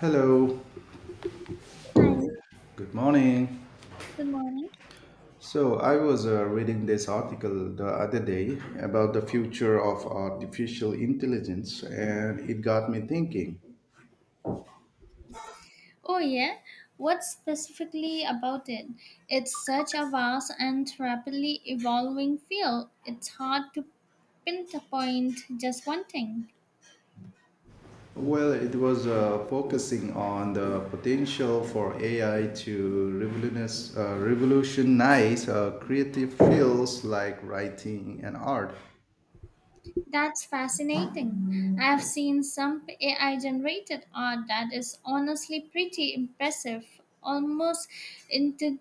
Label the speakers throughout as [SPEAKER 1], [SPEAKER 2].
[SPEAKER 1] Hello,
[SPEAKER 2] Hi,
[SPEAKER 1] good morning.
[SPEAKER 2] good morning.
[SPEAKER 1] So, I was reading this article the other day about the future of artificial intelligence, and it got me thinking.
[SPEAKER 2] Oh, yeah. What specifically about it? It's such a vast and rapidly evolving field. It's hard to pinpoint just one thing.
[SPEAKER 1] Well, it was focusing on the potential for AI to revolutionize creative fields like writing and art.
[SPEAKER 2] That's fascinating. I've seen some AI generated art that is honestly pretty impressive, almost indi-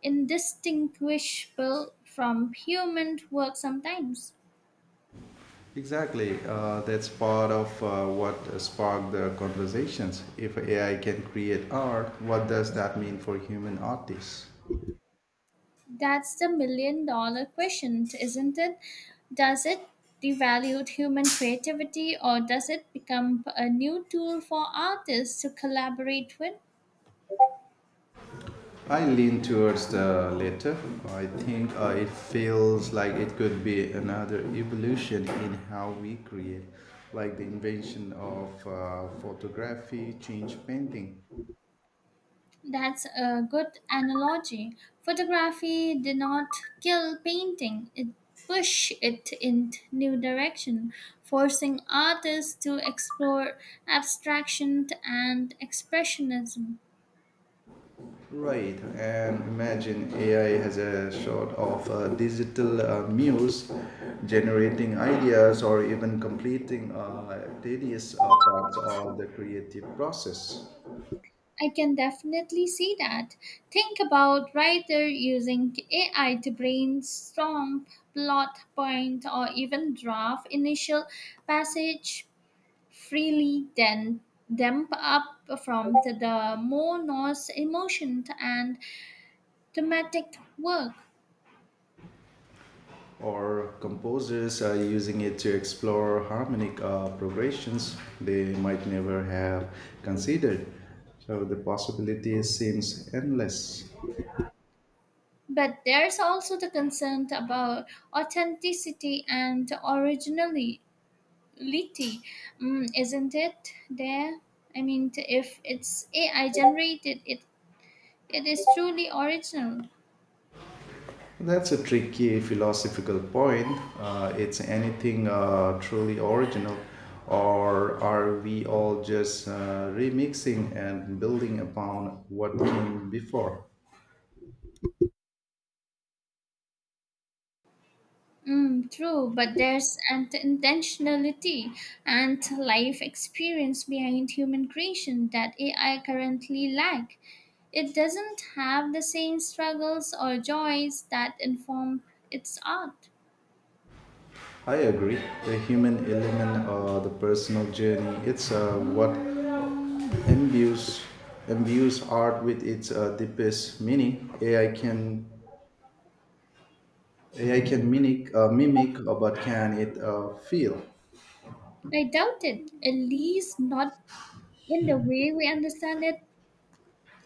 [SPEAKER 2] indistinguishable from human work sometimes.
[SPEAKER 1] Exactly. That's part of what sparked the conversations. If AI can create art, what does that mean for human artists?
[SPEAKER 2] That's the million-dollar question, isn't it? Does it devalue human creativity, or does it become a new tool for artists to collaborate with?
[SPEAKER 1] I lean towards the latter. I think it feels like it could be another evolution in how we create, like the invention of photography, change painting.
[SPEAKER 2] That's a good analogy. Photography did not kill painting, it pushed it in new direction, forcing artists to explore abstraction and expressionism.
[SPEAKER 1] Right, and imagine AI as a sort of digital muse generating ideas or even completing tedious parts of the creative process,
[SPEAKER 2] I can definitely see that. Think about writer using AI to brainstorm plot point or even draft initial passage freely, then damp up from the more nuanced, emotion and thematic work.
[SPEAKER 1] or composers are using it to explore harmonic progressions they might never have considered. So the possibilities seems endless.
[SPEAKER 2] But there's also the concern about authenticity and originally Litty, mm, isn't it? There, if it's AI generated, it is truly original.
[SPEAKER 1] That's a tricky philosophical point. It's anything truly original, or are we all just remixing and building upon what came before?
[SPEAKER 2] Mm, true, but there's an intentionality and life experience behind human creation that AI currently lack. It doesn't have the same struggles or joys that inform its art.
[SPEAKER 1] I agree. The human element, the personal journey, it's what imbues imbues art with its deepest meaning. AI can mimic but can it feel?
[SPEAKER 2] I doubt it, at least not in the way we understand it.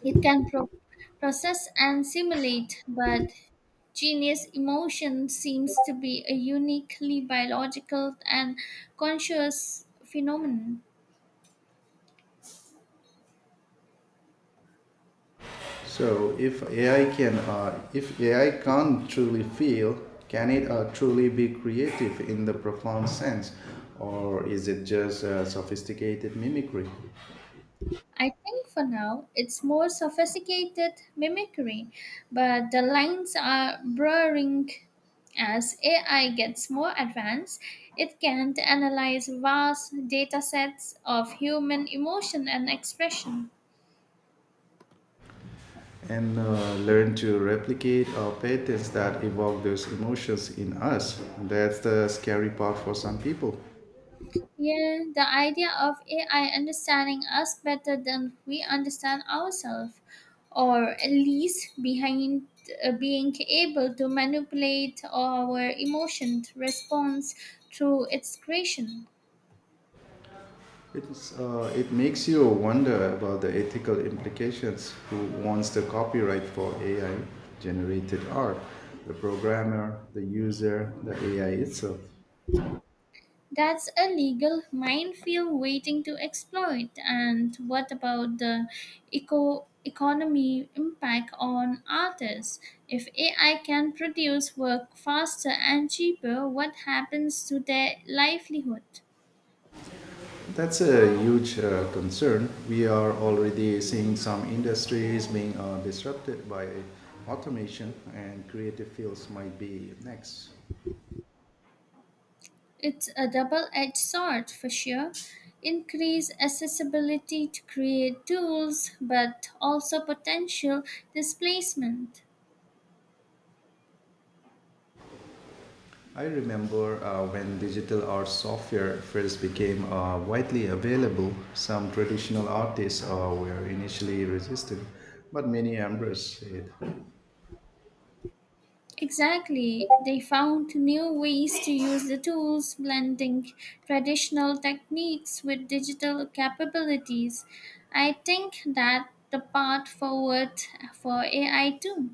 [SPEAKER 2] It can pro- process and simulate, but genius emotion seems to be a uniquely biological and conscious phenomenon.
[SPEAKER 1] So if AI can't truly feel, can it truly be creative in the profound sense, or is it just sophisticated mimicry?
[SPEAKER 2] I think for now it's more sophisticated mimicry, but the lines are blurring. As AI gets more advanced, it can analyze vast data sets of human emotion and expression.
[SPEAKER 1] And learn to replicate our patterns that evoke those emotions in us. That's the scary part for some people.
[SPEAKER 2] Yeah, the idea of AI understanding us better than we understand ourselves, or at least behind being able to manipulate our emotion response through its creation.
[SPEAKER 1] It makes you wonder about the ethical implications. Who wants the copyright for AI generated art? The programmer, the user, the AI itself.
[SPEAKER 2] That's a legal minefield waiting to exploit. And what about the eco economy impact on artists? If AI can produce work faster and cheaper, what happens to their livelihood?
[SPEAKER 1] That's a huge concern. We are already seeing some industries being disrupted by automation, and creative fields might be next.
[SPEAKER 2] It's a double-edged sword for sure. Increase accessibility to create tools, but also potential displacement.
[SPEAKER 1] I remember when digital art software first became widely available, some traditional artists were initially resistant, but many embraced it.
[SPEAKER 2] Exactly. They found new ways to use the tools, blending traditional techniques with digital capabilities. I think that the path forward for AI too.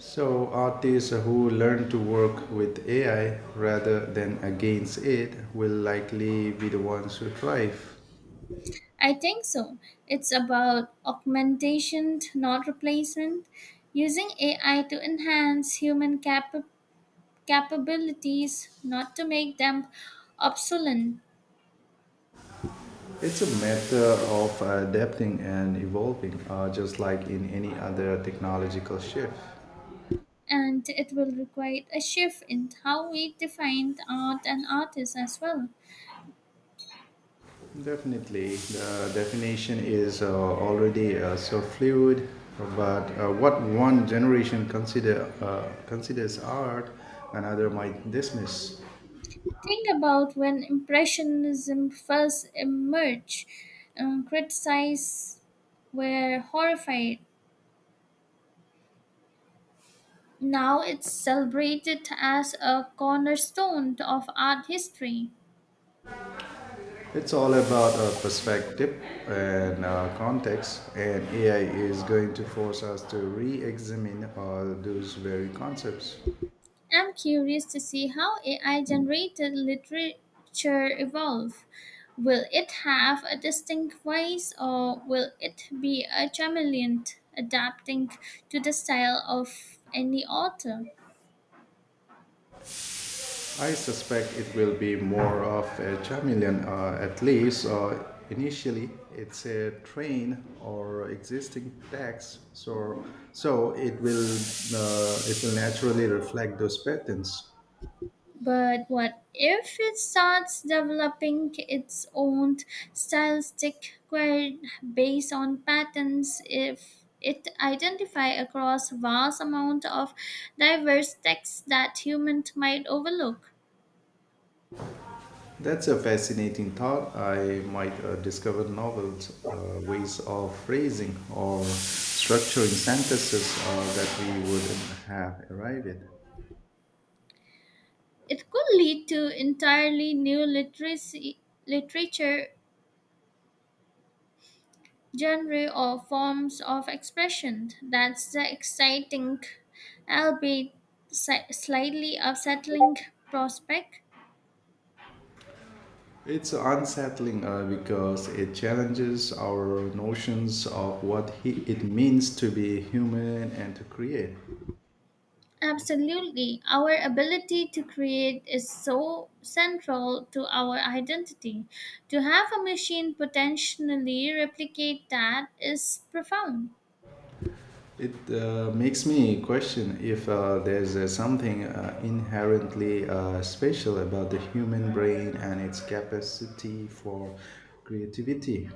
[SPEAKER 1] So, artists who learn to work with AI rather than against it will likely be the ones who thrive.
[SPEAKER 2] I think so. It's about augmentation, not replacement, using AI to enhance human capabilities, not to make them obsolete.
[SPEAKER 1] It's a matter of adapting and evolving, just like in any other technological shift.
[SPEAKER 2] And it will require a shift in how we define art and artists as well.
[SPEAKER 1] Definitely, the definition is already so fluid. But what one generation considers art, another might dismiss.
[SPEAKER 2] Think about when Impressionism first emerged, criticized were horrified. Now it's celebrated as a cornerstone of art history.
[SPEAKER 1] It's all about perspective and context, and AI is going to force us to re-examine those very concepts.
[SPEAKER 2] I'm curious to see how AI generated literature evolve. Will it have a distinct voice, or will it be a chameleon adapting to the style of any author?
[SPEAKER 1] I suspect it will be more of a chameleon, at least initially. It's a train or existing text, so it will naturally reflect those patterns.
[SPEAKER 2] But what if it starts developing its own stylistic query based on patterns if it identify across vast amount of diverse texts that humans might overlook?
[SPEAKER 1] That's a fascinating thought. I might discover novel ways of phrasing or structuring sentences that we wouldn't have arrived at.
[SPEAKER 2] It could lead to entirely new literature genre or forms of expression. That's the exciting, albeit slightly upsetting prospect.
[SPEAKER 1] It's unsettling because it challenges our notions of it means to be human and to create.
[SPEAKER 2] Absolutely. Our ability to create is so central to our identity. To have a machine potentially replicate that is profound.
[SPEAKER 1] It makes me question if there's something inherently special about the human brain and its capacity for creativity.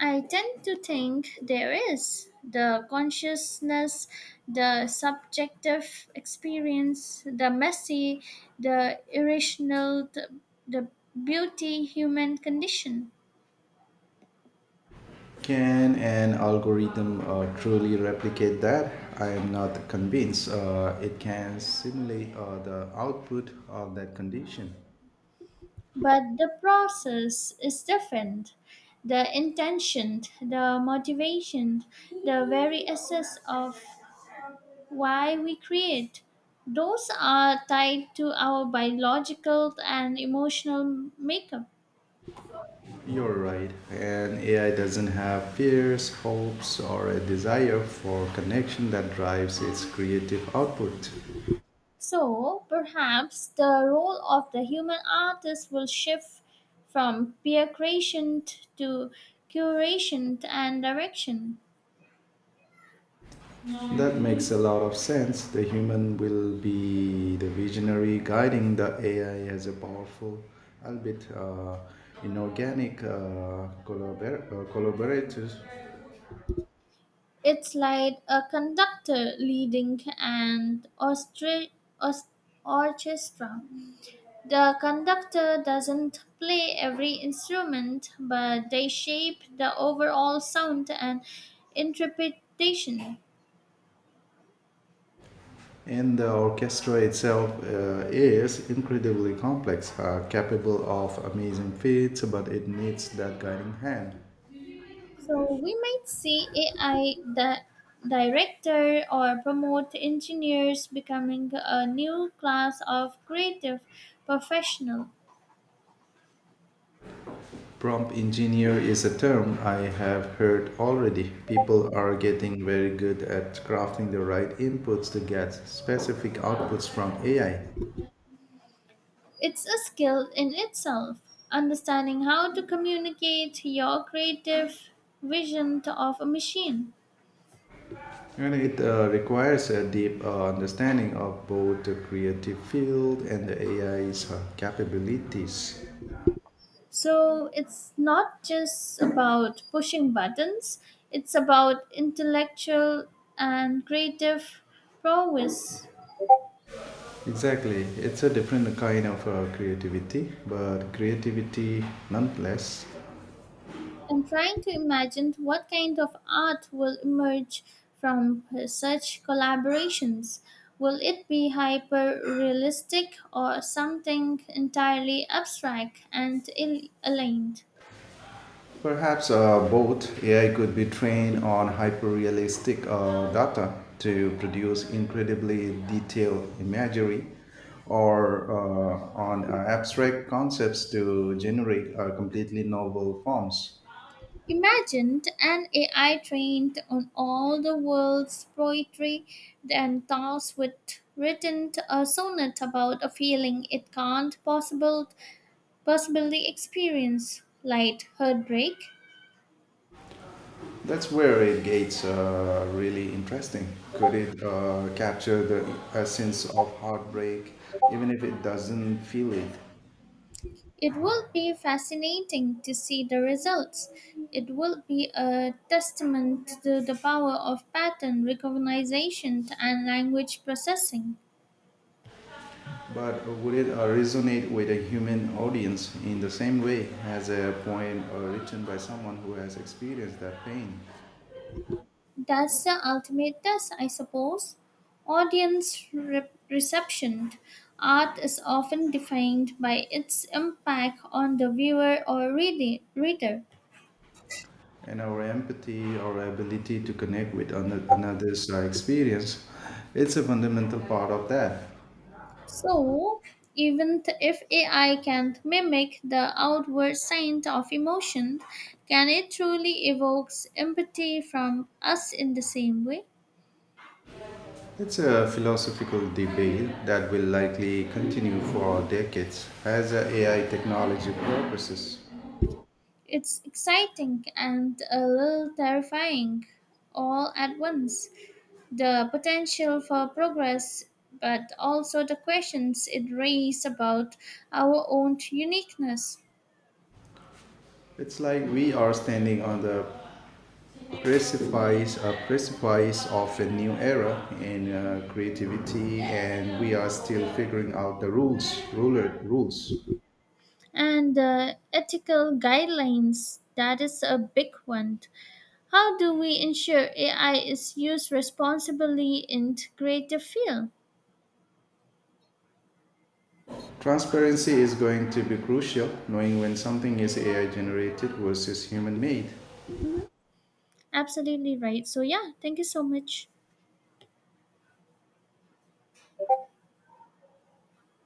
[SPEAKER 2] I tend to think there is the consciousness, the subjective experience, the messy, the irrational, the beauty human condition.
[SPEAKER 1] Can an algorithm truly replicate that? I am not convinced it can simulate the output of that condition.
[SPEAKER 2] But the process is different. The intention, the motivation, the very essence of why we create, those are tied to our biological and emotional makeup.
[SPEAKER 1] You're right. And AI doesn't have fears, hopes, or a desire for connection that drives its creative output.
[SPEAKER 2] So, perhaps the role of the human artist will shift from peer creation to curation and direction.
[SPEAKER 1] That makes a lot of sense. The human will be the visionary guiding the AI as a powerful, albeit inorganic, collaborator.
[SPEAKER 2] It's like a conductor leading an orchestra. The conductor doesn't play every instrument, but they shape the overall sound and interpretation.
[SPEAKER 1] And the orchestra itself is incredibly complex, capable of amazing feats, but it needs that guiding hand.
[SPEAKER 2] So we might see AI that director or promote engineers becoming a new class of creative professional.
[SPEAKER 1] Prompt engineer is a term I have heard already. People are getting very good at crafting the right inputs to get specific outputs from AI.
[SPEAKER 2] It's a skill in itself. Understanding how to communicate your creative vision to of a machine.
[SPEAKER 1] And it requires a deep understanding of both the creative field and the AI's capabilities.
[SPEAKER 2] So it's not just about pushing buttons, it's about intellectual and creative prowess.
[SPEAKER 1] Exactly. It's a different kind of creativity, but creativity nonetheless.
[SPEAKER 2] I'm trying to imagine what kind of art will emerge from such collaborations. Will it be hyper realistic or something entirely abstract and ill aligned?
[SPEAKER 1] Perhaps both AI could be trained on hyper-realistic data to produce incredibly detailed imagery, or on abstract concepts to generate completely novel forms.
[SPEAKER 2] Imagine an AI trained on all the world's poetry and tasked with written a sonnet about a feeling it can't possible, possibly experience, like heartbreak.
[SPEAKER 1] That's where it gets really interesting. Could it capture the essence of heartbreak, even if it doesn't feel it?
[SPEAKER 2] It will be fascinating to see the results. It will be a testament to the power of pattern recognition and language processing.
[SPEAKER 1] But would it resonate with a human audience in the same way as a poem written by someone who has experienced that pain?
[SPEAKER 2] That's the ultimate test, I suppose. Audience reception. Art is often defined by its impact on the viewer or reader.
[SPEAKER 1] And our empathy, our ability to connect with another's experience, it's a fundamental part of that.
[SPEAKER 2] So, even if AI can't mimic the outward signs of emotion, can it truly evoke empathy from us in the same way?
[SPEAKER 1] It's a philosophical debate that will likely continue for decades as AI technology progresses.
[SPEAKER 2] It's exciting and a little terrifying all at once. The potential for progress, but also the questions it raises about our own uniqueness
[SPEAKER 1] It's like we are standing on the precipice of a new era in creativity, and we are still figuring out the rules.
[SPEAKER 2] and the ethical guidelines. That is a big one. How do we ensure AI is used responsibly in creative field?
[SPEAKER 1] Transparency is going to be crucial, knowing when something is AI generated versus human made.
[SPEAKER 2] Mhm. Absolutely right. So yeah, thank you so much.